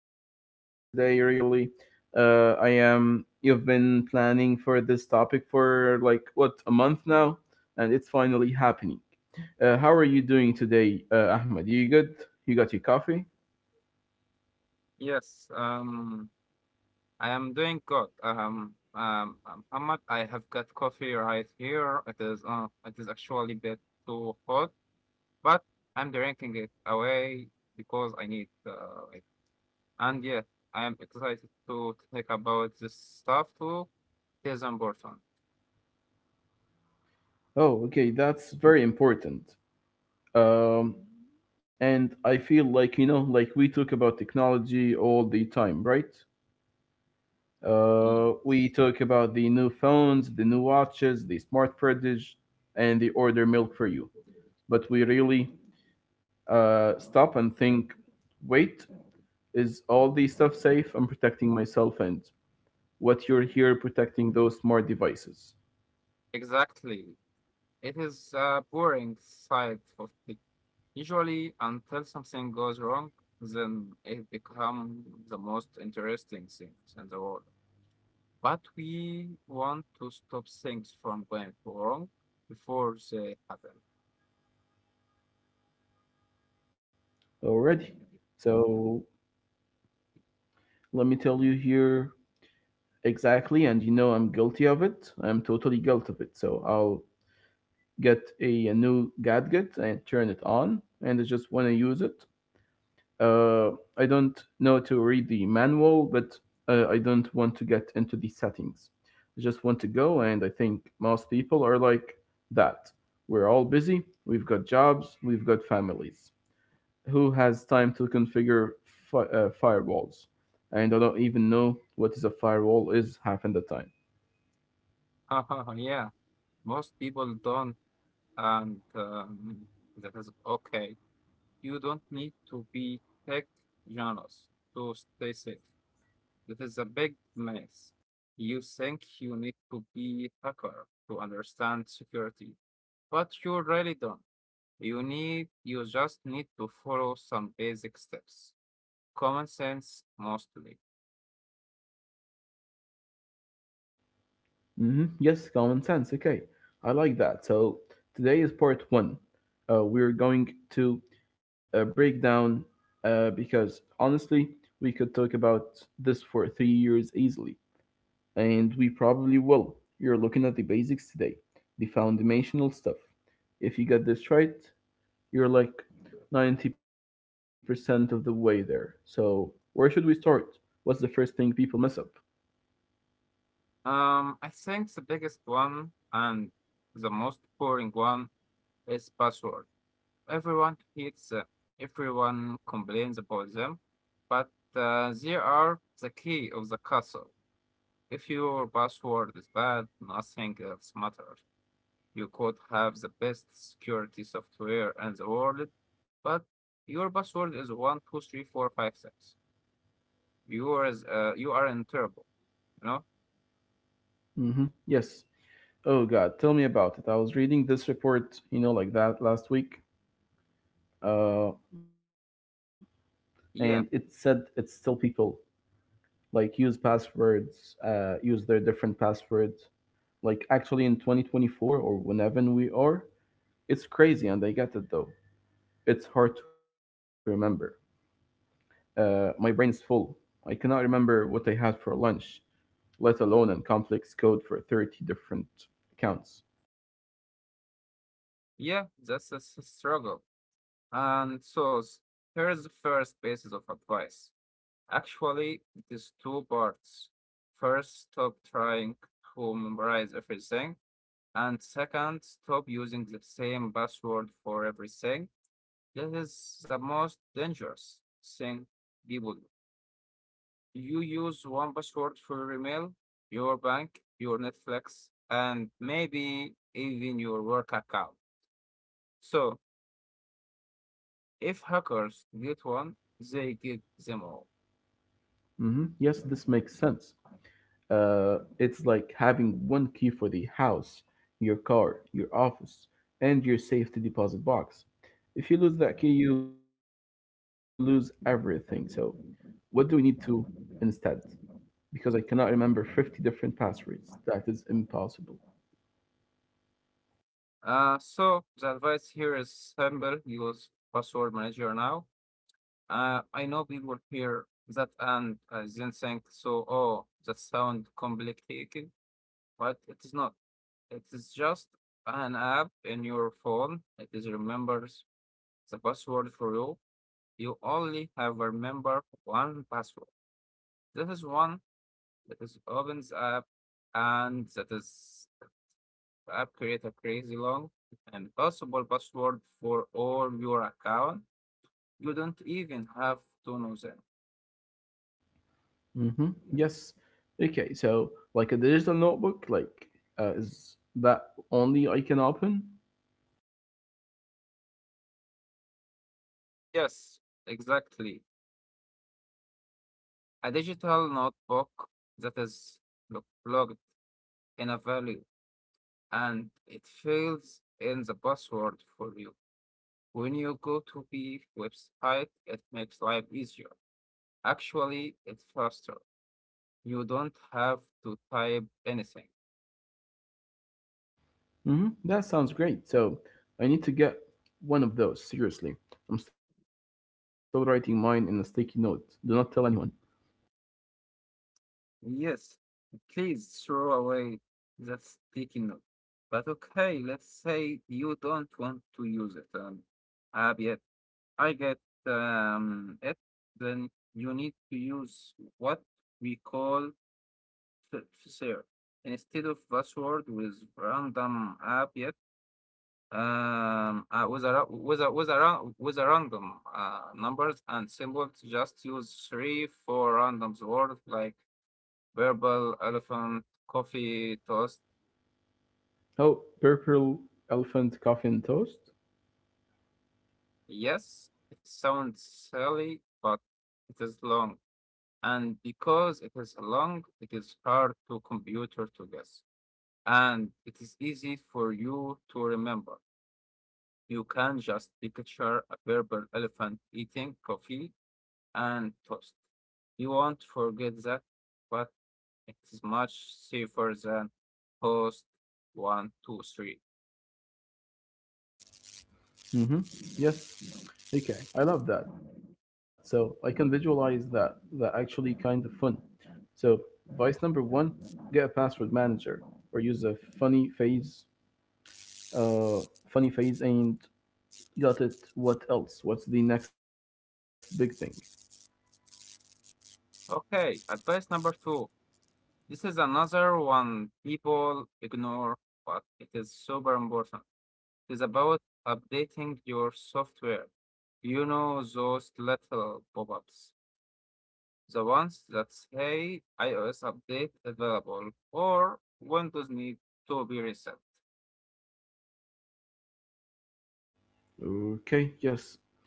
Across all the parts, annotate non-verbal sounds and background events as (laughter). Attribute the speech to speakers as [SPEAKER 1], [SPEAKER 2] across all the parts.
[SPEAKER 1] excited for today, really. I am. You've been planning for this topic for like what a month now, and it's finally happening. How are you doing today, Ahmed? You good? You got your coffee?
[SPEAKER 2] Yes, um, I am doing good. Ahmad, I have got coffee right here. It is actually a bit too hot, but I'm drinking it away because I need it. And yeah, I am excited to think about this stuff too. It is important.
[SPEAKER 1] Oh, okay, that's very important. Um, and I feel like like we talk about technology all the time, right?
[SPEAKER 2] Yes.
[SPEAKER 1] We talk about the new phones, the new watches, the smart fridge, and the order milk for you. But we really stop and think, wait, is all the stuff safe? I'm protecting myself and what you're here protecting those smart devices
[SPEAKER 2] Exactly. It is a boring side of the usually, until something goes wrong, then it becomes the most interesting things in the world. But we want to stop things from going wrong before they
[SPEAKER 1] already. So let me tell you here exactly, and you know I'm guilty of it. I'm totally guilty of it. So I'll get a new gadget and turn it on, and I just want to use it. Uh, I don't know to read the manual, but I don't want to get into the settings. I just want to go, and I think most people are like that. We're all busy, we've got jobs, we've got families. Who has time to configure firewalls? And I don't even know what is a firewall is half in the time.
[SPEAKER 2] happen. (laughs) Yeah, most people don't, and that is okay. You don't need to be tech genius to stay safe. That is a big mess. You think you need to be a hacker to understand security, but you really don't. You just need to follow some basic steps. Common sense mostly.
[SPEAKER 1] Hmm. Yes, common sense. Okay, I like that. So today is part one. We're going to break down, because honestly, we could talk about this for 3 years easily, and we probably will. You're looking at the basics today, the foundational stuff. If you get this right, you're like 90% of the way there. So, where should we start? What's the first thing people mess up?
[SPEAKER 2] I think the biggest one and the most boring one is password. Everyone hates them. Everyone complains about them, but they are the key of the castle. If your password is bad, nothing else matters. You could have the best security software in the world, but your password is 123456. You are in trouble. You know?
[SPEAKER 1] Hmm. Yes. Oh God, tell me about it. I was reading this report, like that last week, uh, and it said it's
[SPEAKER 2] Yeah,
[SPEAKER 1] still people like use passwords, use their different passwords. Like actually in 2024 or whenever we are, it's crazy, and I get it though. It's hard to remember. My brain is full. I cannot remember what I had for lunch, let alone in complex code for 30 different accounts.
[SPEAKER 2] yeah. That's struggle. And here is the first basis of advice. Actually, it is two parts. First, stop trying to memorize everything. And second, stop using the same password for everything. This is the most dangerous thing people do. You use one password for your email, your bank, your Netflix, and maybe even your work account. So if hackers get one, they get them all.
[SPEAKER 1] Hmm. Yes, this makes sense. It's like having one key for the house, your car, your office, and your safety deposit box. If you lose that key, you lose everything. So, what do we need to instead? Because I cannot remember 50 different passwords. That is impossible.
[SPEAKER 2] So the advice here is simple: use password manager now. I know people hear that and oh, that sounds complicated, but it is not. It is just an app in your phone. It is remembers the password for you. You only have remember one password. This is one that is opens app and that is app create a crazy long and possible password for all your account. You don't even have to know them.
[SPEAKER 1] Mm-hmm. Yes. Okay. So, like a digital notebook, like is that only I can open?
[SPEAKER 2] Yes, exactly. A digital notebook that is logged in a value and it fills in the password for you. When you go to the website, it makes life easier. Actually, it's faster. You don't have to type anything.
[SPEAKER 1] Hmm. That sounds great. So I need to get one of those, seriously. I'm still writing mine in a sticky note. Do not tell anyone.
[SPEAKER 2] Yes, please throw away that sticky note. But okay, let's say you don't want to use it. Uh, I get it. Then you need to use what we call fair instead of password with random app yet um uh, with a with a with a with a random numbers and symbols, just use 3 4 random words like verbal elephant coffee toast.
[SPEAKER 1] Oh, purple elephant coffee and toast?
[SPEAKER 2] Yes, it sounds silly, but it is long. And because it is long, it is hard to computer to guess. And it is easy for you to remember. You can just picture a purple elephant eating coffee and toast. You won't forget that, but it is much safer than toast one, two, three.
[SPEAKER 1] Mm-hmm. Yes. Okay. I love that. So I can visualize that. That actually kind of fun. So vice number one, get a password manager or use a funny phase. Uh funny phase and got it. What else? What's the next big thing?
[SPEAKER 2] Okay, advice number two. This is another one people ignore, but it is super important. Is about updating your software. You know those little pop ups, the ones that say iOS update available or Windows need to be reset.
[SPEAKER 1] Okay, yes.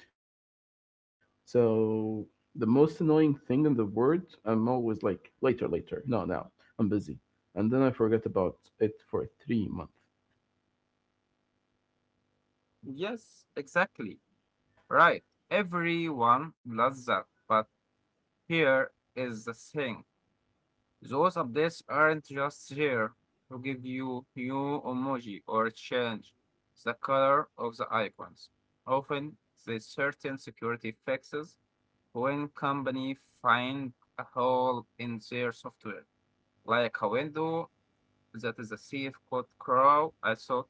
[SPEAKER 1] So the most annoying thing in the world, I'm always like later, later, no, now, I'm busy, and then I forget about it for 3 months.
[SPEAKER 2] Yes, exactly. Right. Everyone loves that. But here is the thing, those updates aren't just here to give you new emoji or change the color of the icons. Often, there's certain security fixes. When company find a hole in their software, like a window that is a safe code crow, so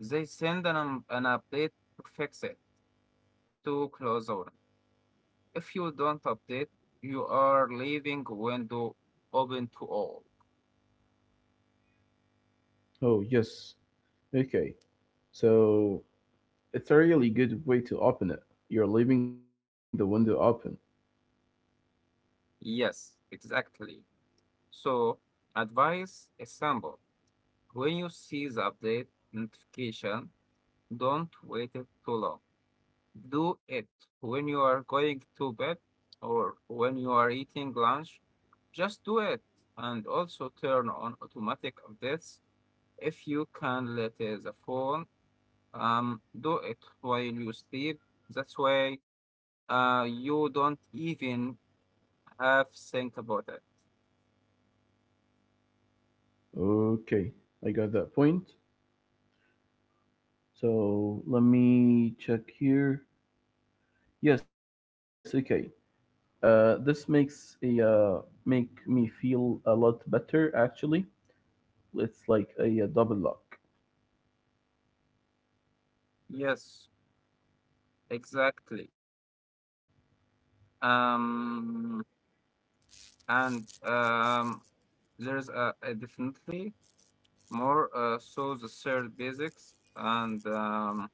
[SPEAKER 2] they send an update to fix it, to close the window. If you don't update, you are leaving window open to all.
[SPEAKER 1] Oh yes, okay. So it's a really good way to open it. You're leaving the window open.
[SPEAKER 2] Yes, exactly. So advice is simple. When you see the update notification, don't wait it too long. Do it when you are going to bed or when you are eating lunch. Just do it, and also turn on automatic updates if you can let the phone do it while you sleep. That's way you don't even have think about it.
[SPEAKER 1] Okay, I got that point. So let me check here. Yes, okay. This makes a make me feel a lot better actually. It's like a double lock.
[SPEAKER 2] Yes, exactly. Um and there's a definitely more So the third basics and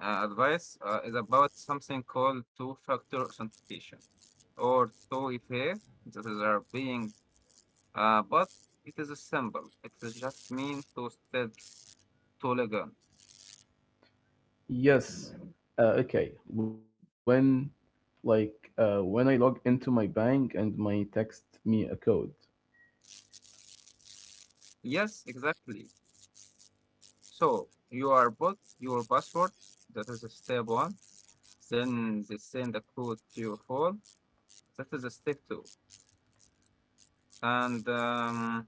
[SPEAKER 2] Advice is about something called two-factor authentication or 2FA that is are being, but it is a symbol. It is just mean two steps to login.
[SPEAKER 1] Yes. Okay. When I log into my bank and my text me a code.
[SPEAKER 2] Yes, exactly. So you are put your password. That is a step one. Then they send the code to your phone. That is a step two. And um,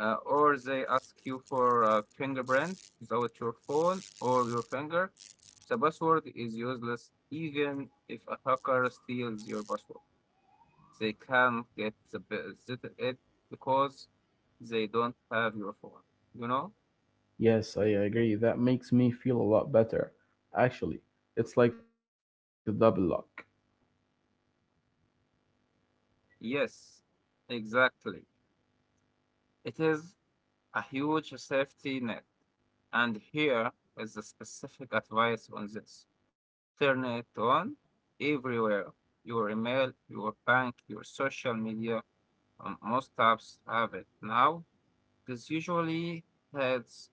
[SPEAKER 2] uh, or they ask you for a fingerprint without your phone or your finger. The password is useless even if a hacker steals your password. They can't get it because they don't have your phone, you know?
[SPEAKER 1] Yes, I agree. That makes me feel a lot better. Actually, it's like a double lock.
[SPEAKER 2] Yes, exactly. It is a huge safety net. And here is the specific advice on this. Turn it on everywhere. Your email, your bank, your social media, most apps have it. Now, this usually has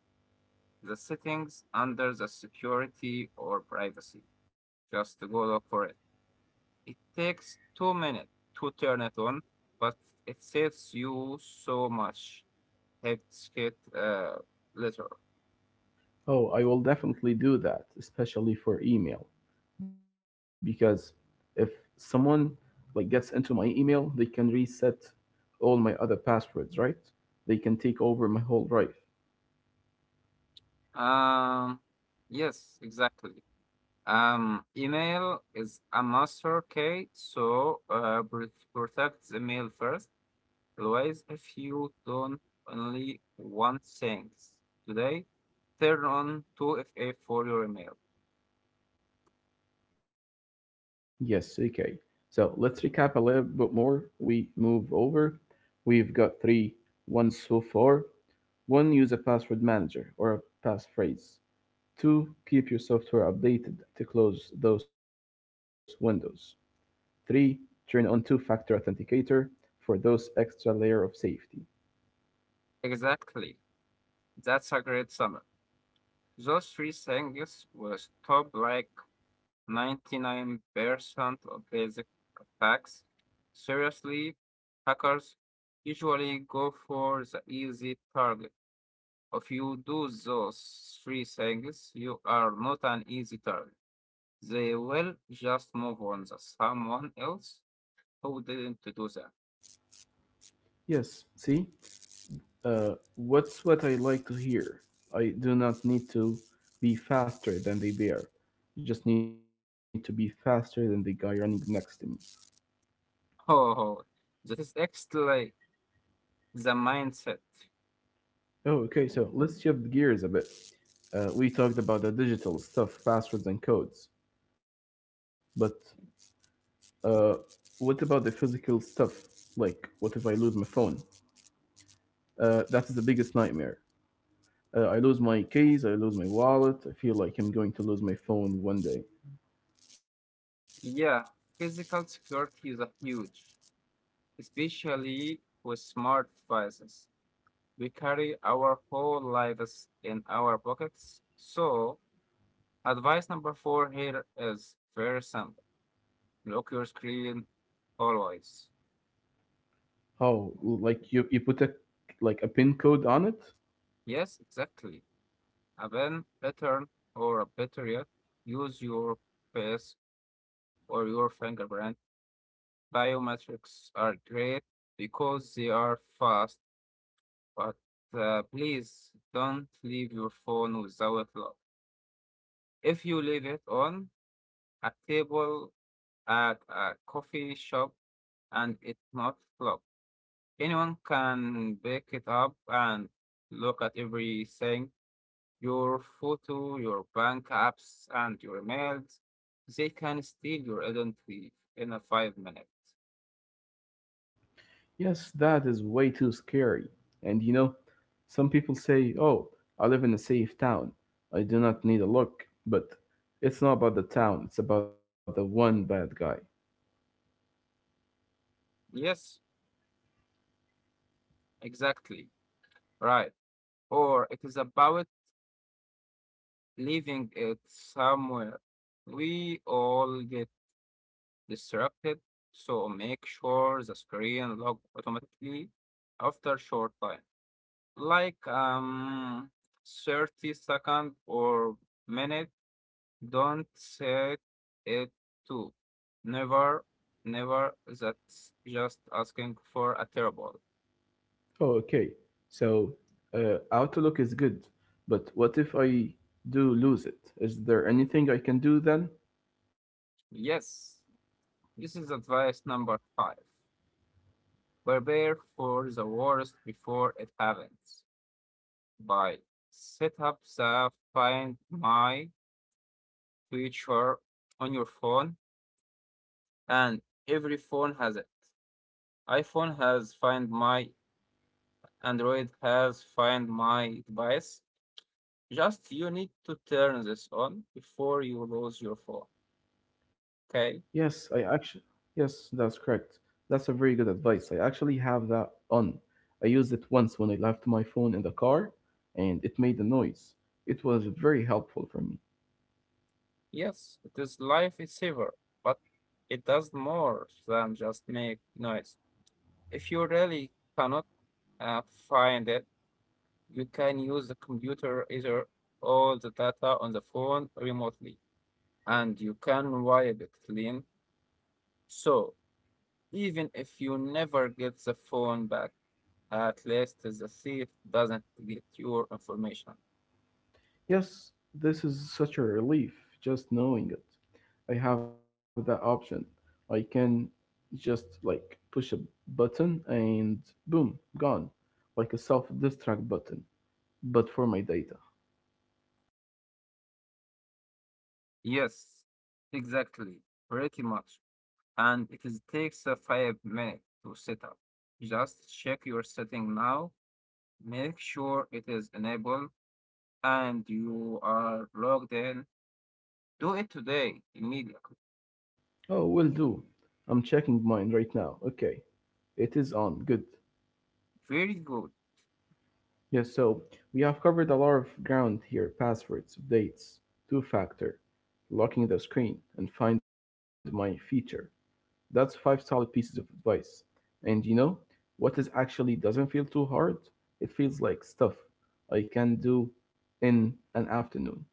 [SPEAKER 2] the settings under the security or privacy. Just go look for it. It takes 2 minutes to turn it on, but it saves you so much. It's uh, later.
[SPEAKER 1] Oh, I will definitely do that, especially for email, because if someone like gets into my email, they can reset all my other passwords, right? They can take over my whole life.
[SPEAKER 2] Um, yes, exactly. Email is a master key, so protect the mail first. Otherwise, if you don't only one thing today, turn on 2FA for your email.
[SPEAKER 1] Yes, okay. So let's recap a little bit more. We move over. We've got three ones so far. One, use a password manager or a passphrase. Two, keep your software updated to close those windows. Three, turn on two factor authenticator for those extra layer of safety.
[SPEAKER 2] Exactly. That's a great summary. Those three things will stop like 99% of basic attacks. Seriously, hackers usually go for the easy target. If you do those three things, you are not an easy target. They will just move on to someone else who didn't do that. (laughs)
[SPEAKER 1] Yes, see, what's what I like to hear? I do not need to be faster than the bear. I just need to be faster than the guy running next to me.
[SPEAKER 2] Oh, that is actually the mindset.
[SPEAKER 1] Oh, okay, so let's shift gears a bit. We talked about the digital stuff passwords and codes, but uh, what about the physical stuff? Like, what if I lose my phone? That's the biggest nightmare. I lose my keys, I lose my wallet, I feel like I'm going to lose my phone one day.
[SPEAKER 2] Yeah, physical security is a huge, especially with smart devices. We carry our whole lives in our pockets. So, advice number four here is very simple. Lock your screen always.
[SPEAKER 1] Oh, like you put a, like, a pin code on it?
[SPEAKER 2] Yes, exactly. A pen, pattern, or a better, use your face or your fingerprint. Biometrics are great because they are fast, but please don't leave your phone without lock. If you leave it on a table at a coffee shop and it's not locked, anyone can pick it up and look at everything. Your photo, your bank apps, and your mails, they can steal your identity in a 5 minutes.
[SPEAKER 1] Yes, that is way too scary. And some people say, "Oh, I live in a safe town. I do not need a look." But it's not about the town, it's about the one bad guy.
[SPEAKER 2] Yes, exactly. Right. Or it is about leaving it somewhere. We all get distracted, so make sure the screen lock automatically after a short time. Like 30 second or minute. Don't say it too. Never, never. That's just asking for a terrible.
[SPEAKER 1] Oh, okay. So, Outlook is good, but what if I do lose it? Is there anything I can do then?
[SPEAKER 2] Yes, this is advice number five. Prepare for the worst before it happens. By set up the Find My feature on your phone, and every phone has it. iPhone has Find My, Android has Find My device. Just you need to turn this on before you lose your phone. Okay?
[SPEAKER 1] Yes, yes, that's correct. That's a very good advice. I actually have that on. I used it once when I left my phone in the car and it made a noise. It was very helpful for me.
[SPEAKER 2] Yes, it is life saver, but it does more than just make noise. If you really cannot uh, find it, you can use the computer either all the data on the phone remotely, and you can wipe it clean. So even if you never get the phone back, at least the thief doesn't get your information.
[SPEAKER 1] Yes, this is such a relief just knowing it. I have that option. I can just like push a button and boom, gone. Like a self-destruct button, but for my data.
[SPEAKER 2] Yes, exactly. Pretty much. And it is takes a 5 minutes to set up. Just check your setting now, make sure it is enabled and you are logged in. Do it today immediately.
[SPEAKER 1] Oh, will do. I'm checking mine right now. Okay. It is on. Good.
[SPEAKER 2] Very good.
[SPEAKER 1] Yes, so we have covered a lot of ground here. Passwords, updates, two-factor, locking the screen, and find my feature. That's five solid pieces of advice. And what is actually doesn't feel too hard? It feels like stuff I can do in an afternoon.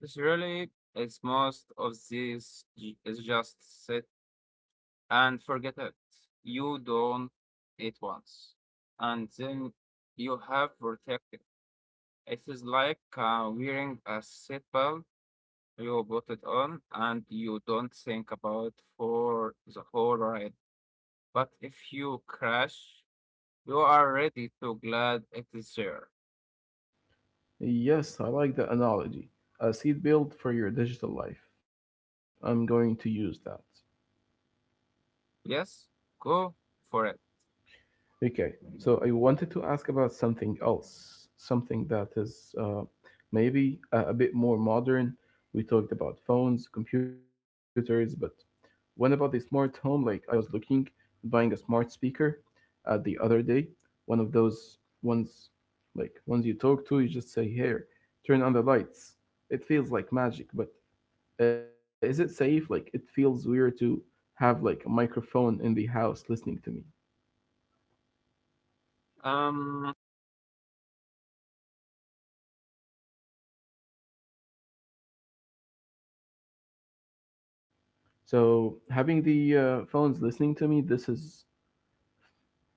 [SPEAKER 2] It's really it's most of this is just set and forget it. You don't it once. And then you have protected. It is like wearing a seatbelt. You put it on and you don't think about for the whole ride. But if you crash, you are ready to glad it is there.
[SPEAKER 1] Yes, I like the analogy. A seat built for your digital life. I'm going to use that.
[SPEAKER 2] Yes, go for it.
[SPEAKER 1] Okay, so I wanted to ask about something else, something that is maybe a bit more modern. We talked about phones, computers, but what about the smart home? Like I was looking at buying a smart speaker, the other day, one of those ones, like ones you talk to, you just say, "Here, turn on the lights." It feels like magic, but is it safe? Like it feels weird to have like a microphone in the house listening to me.
[SPEAKER 2] Um,
[SPEAKER 1] So having the phones listening to me, this is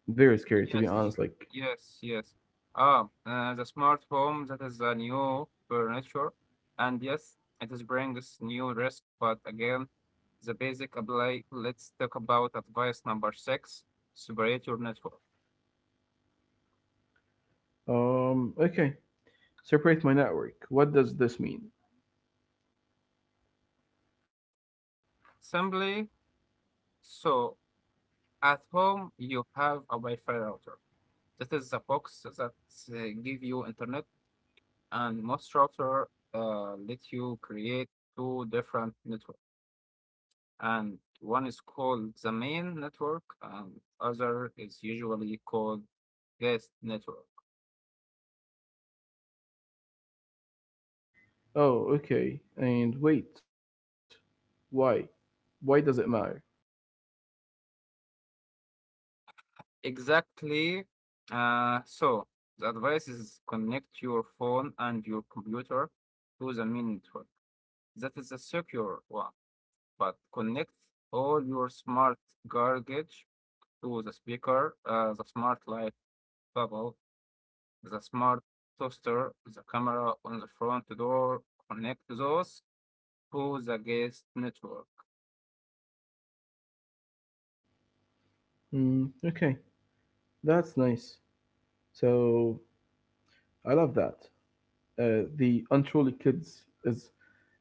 [SPEAKER 1] very scary to be
[SPEAKER 2] yes,
[SPEAKER 1] honest, like.
[SPEAKER 2] yes, yes. The smart home that is a new furniture, and yes, it is brings new risk. But again, the basic apply. Let's talk about advice number six: separate your network.
[SPEAKER 1] Okay, separate my network. What does this mean?
[SPEAKER 2] Simply so at home, you have a Wi-Fi router. That is the box that give you internet, and most router let you create two different network. And one is called the main network, and other is usually called guest network.
[SPEAKER 1] Oh, okay. And wait, why? Why does it matter?
[SPEAKER 2] Exactly. So the advice is connect your phone and your computer to the main network. That is the secure one, but connect all your smart gadgets to the speaker, the smart light bubble, the smart toaster, the camera on the front door. Connect those to the guest network.
[SPEAKER 1] Mm, okay, that's nice. So I love that. The untrolled kids is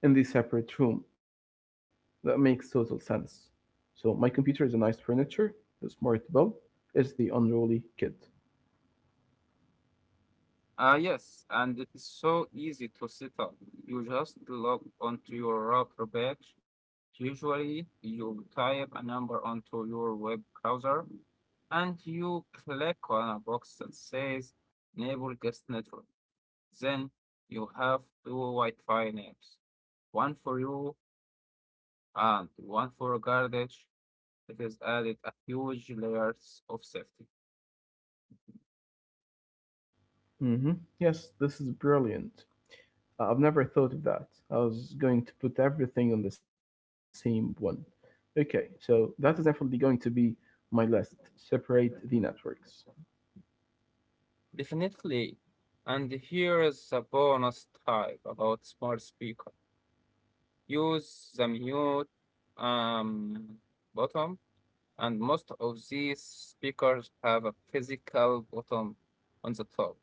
[SPEAKER 1] in the separate room. That makes total sense. So my computer is a nice furniture. The smart bulb is the unruly kid.
[SPEAKER 2] Ah, yes, and it is so easy to set up. You just log onto your router badge. Usually, you type a number onto your web browser and you click on a box that says Enable Guest Network. Then you have two Wi-Fi names, one for you and one for garbage. It is added a huge layers of safety.
[SPEAKER 1] Hmm. Yes, this is brilliant. I've never thought of that. I was going to put everything on the same one. Okay, so that is definitely going to be my list. Separate the networks.
[SPEAKER 2] Definitely. And here is a bonus type about smart speaker. Use the mute um, button, and most of these speakers have a physical button on the top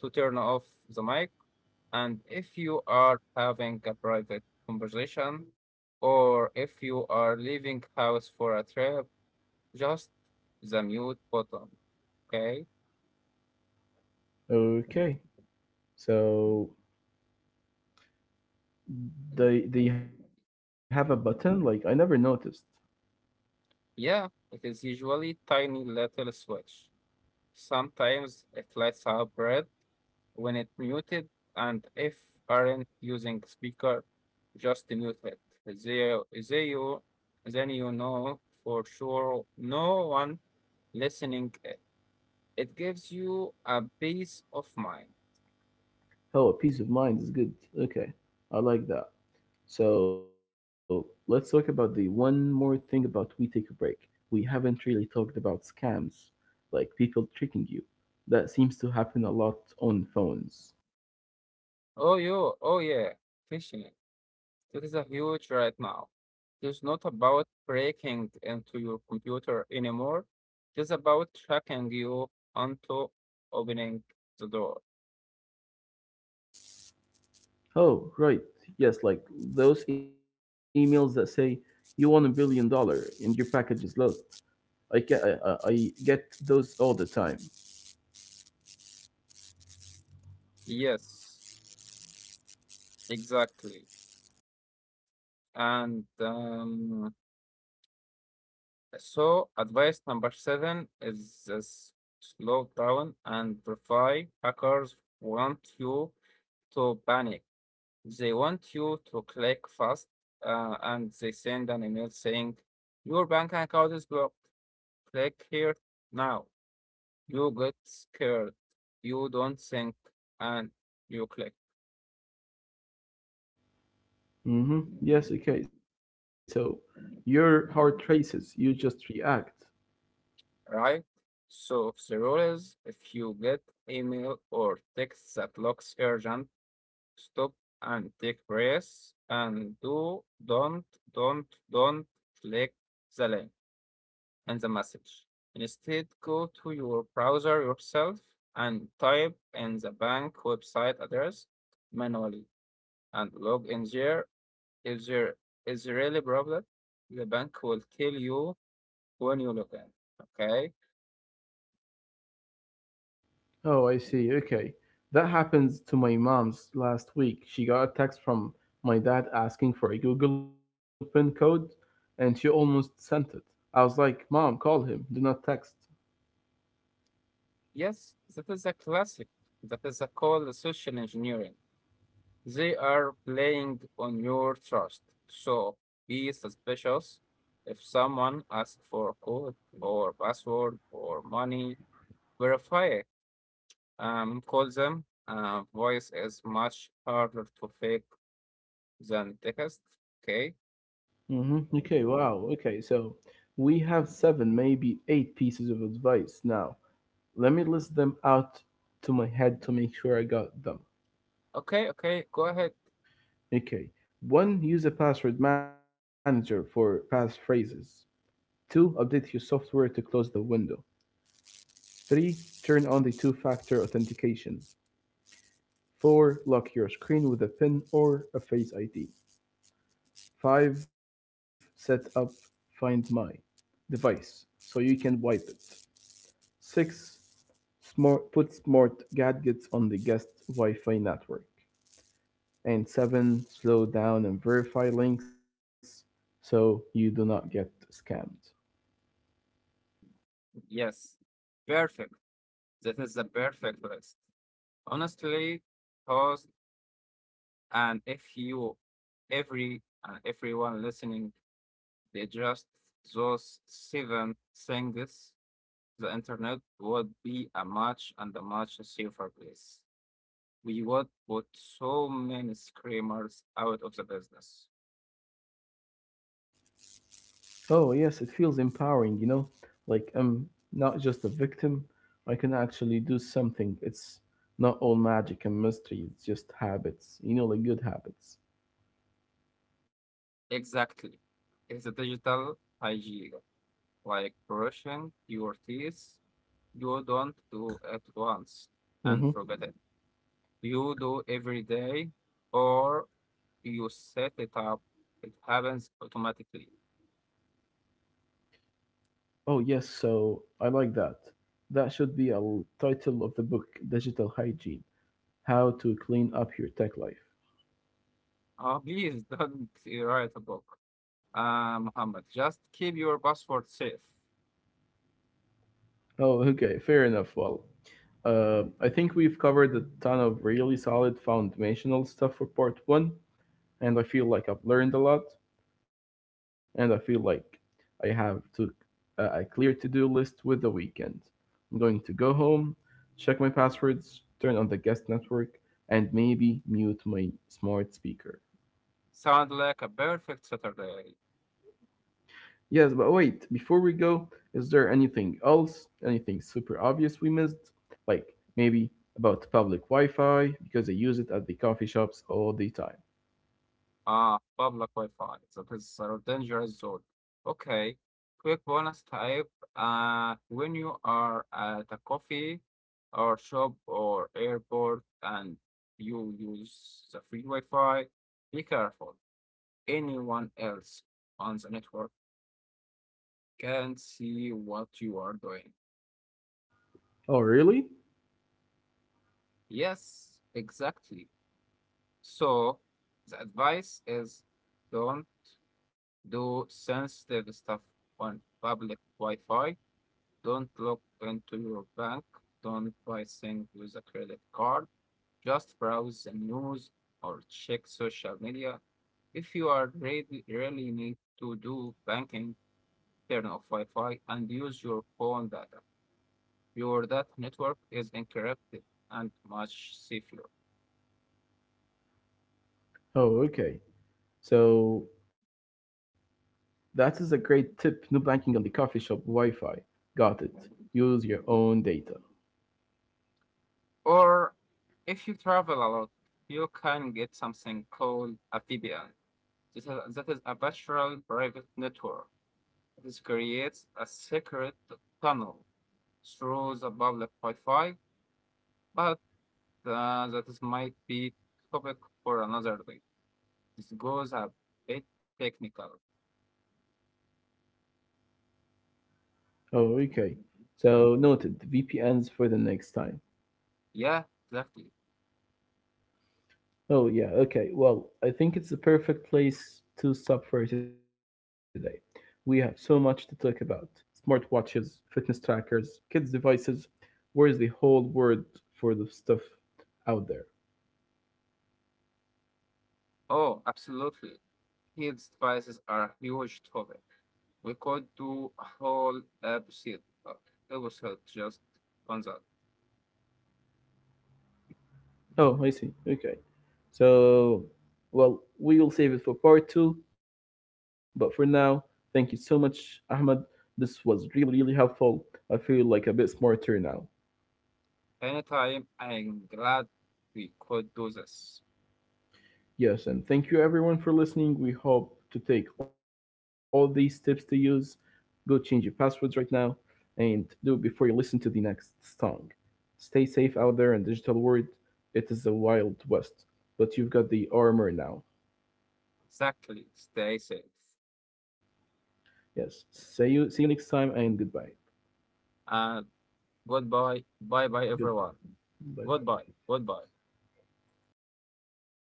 [SPEAKER 2] to turn off the mic. And if you are having a private conversation or if you are leaving house for a trip, just the mute button. Okay.
[SPEAKER 1] Okay, so they have a button? Like I never noticed.
[SPEAKER 2] Yeah, it is usually tiny little switch. Sometimes it lights up red when it muted, and if aren't using speaker, just mute it. They, they you, then you know for sure no one listening is it gives you a peace of mind.
[SPEAKER 1] Oh, a peace of mind is good. Okay, I like that. So let's talk about the one more thing about we take a break. We haven't really talked about scams, like people tricking you. That seems to happen a lot on phones.
[SPEAKER 2] Oh, yo, oh yeah, phishing. That is a huge right now. It's not about breaking into your computer anymore. It's about tracking you onto opening the door.
[SPEAKER 1] Oh, right. Yes, like those emails that say you want $1 billion and your package is low. I get those all the time.
[SPEAKER 2] Yes, exactly. And So, advice number seven is this. Slow down and verify. Hackers want you to panic. They want you to click fast, and they send an email saying, your bank account is blocked. Click here now. You get scared. You don't think and you click.
[SPEAKER 1] Mm-hmm. Yes. Okay. So your heart races. You just react.
[SPEAKER 2] Right? So the rule is if you get email or text that looks urgent, stop and take breath and do don't don't click the link and the message. Instead, go to your browser yourself and type in the bank website address manually and log in there. If there is really problem, the bank will tell you when you log in. Okay?
[SPEAKER 1] Oh, I see. Okay. That happened to my mom's last week. She got a text from my dad asking for a Google PIN code, and she almost sent it. I was like, Mom, call him. Do not text.
[SPEAKER 2] Yes, that is a classic. That is a called social engineering. They are playing on your trust. So be suspicious. If someone asks for a code or password or money, verify, call them. Voice is much harder to fake than text. Okay,
[SPEAKER 1] Hmm. Okay, wow. Okay, so we have seven, maybe eight pieces of advice now. Let me list them out to my head to make sure I got them.
[SPEAKER 2] okay. Go ahead.
[SPEAKER 1] Okay. One, use a password manager for passphrases. Two, update your software to close the window. Three, turn on the two-factor authentication. Four, lock your screen with a PIN or a Face ID. Five, set up Find My device so you can wipe it. Six, put smart gadgets on the guest Wi-Fi network. And seven, slow down and verify links so you do not get scammed.
[SPEAKER 2] Yes, perfect. That is the perfect list. Honestly, host, and if you, every and everyone listening, they just those seven things, the internet would be a much safer place. We would put so many screamers out of the business.
[SPEAKER 1] Oh, yes, it feels empowering, you know? Like I'm not just a victim, I can actually do something. It's not all magic and mystery, it's just habits, like good habits.
[SPEAKER 2] Exactly. It's a digital hygiene, like brushing your teeth. You don't do it once and
[SPEAKER 1] Mm-hmm.
[SPEAKER 2] forget it. You do every day, or you set it up. It happens automatically.
[SPEAKER 1] Oh, yes, so I like that. That should be a title of the book Digital Hygiene, How to Clean Up Your Tech Life.
[SPEAKER 2] Please (laughs) don't write a book, Muhammad. Just keep your password safe.
[SPEAKER 1] Oh, okay, fair enough. Well, I think we've covered a ton of really solid foundational stuff for part one, and I feel like I've learned a lot. And I feel like I have to, a clear to-do list with the weekend. I'm going to go home, check my passwords, turn on the guest network, and maybe mute my smart speaker.
[SPEAKER 2] Sound like a perfect Saturday.
[SPEAKER 1] Yes, but wait, before we go, is there anything else, anything super obvious we missed? Like maybe about public Wi Fi, because I use it at the coffee shops all the time.
[SPEAKER 2] Ah, public Wi-Fi, that is a dangerous zone. Okay, quick bonus type. When you are at a coffee or shop or airport and you use the free Wi-Fi, be careful. Anyone else on the network can see what you are doing.
[SPEAKER 1] Oh, really?
[SPEAKER 2] Yes, exactly. So the advice is don't do sensitive stuff on public Wi-Fi. Don't look into your bank. Don't buy things with a credit card. Just browse the news or check social media. If you are really, really need to do banking, turn off Wi-Fi and use your phone data. Your data network is encrypted and much safer.
[SPEAKER 1] Oh, okay. So that is a great tip. No banking on the coffee shop Wi Fi. Got it. Use your own data.
[SPEAKER 2] Or if you travel a lot, you can get something called a VPN. That is a virtual private network. This creates a secret tunnel through the public Wi-Fi, but that is might be topic for another day. This goes a bit technical.
[SPEAKER 1] Oh, okay. So noted. VPNs for the next time.
[SPEAKER 2] Yeah, exactly.
[SPEAKER 1] Oh, yeah, okay. Well, I think it's the perfect place to stop for today. We have so much to talk about smartwatches, fitness trackers, kids' devices. Where is the whole word for the stuff out there?
[SPEAKER 2] Oh, absolutely. Kids' devices are a huge topic. We could do a whole episode, uh, just on that.
[SPEAKER 1] Oh, I see. Okay. So, well, we will save it for part two, but for now, thank you so much, Ahmed. This was really, really helpful. I feel like a bit smarter now.
[SPEAKER 2] Anytime, I'm glad we could do this.
[SPEAKER 1] Yes, and thank you everyone for listening. We hope to take all these tips to use. Go change your passwords right now and do it before you listen to the next song. Stay safe out there in digital world. It is the wild west, but you've got the armor now.
[SPEAKER 2] Exactly. Stay safe.
[SPEAKER 1] Yes. See you next time and goodbye.
[SPEAKER 2] And goodbye. Bye bye,
[SPEAKER 1] Goodbye.
[SPEAKER 2] everyone.
[SPEAKER 1] Bye bye.
[SPEAKER 2] Goodbye. Goodbye.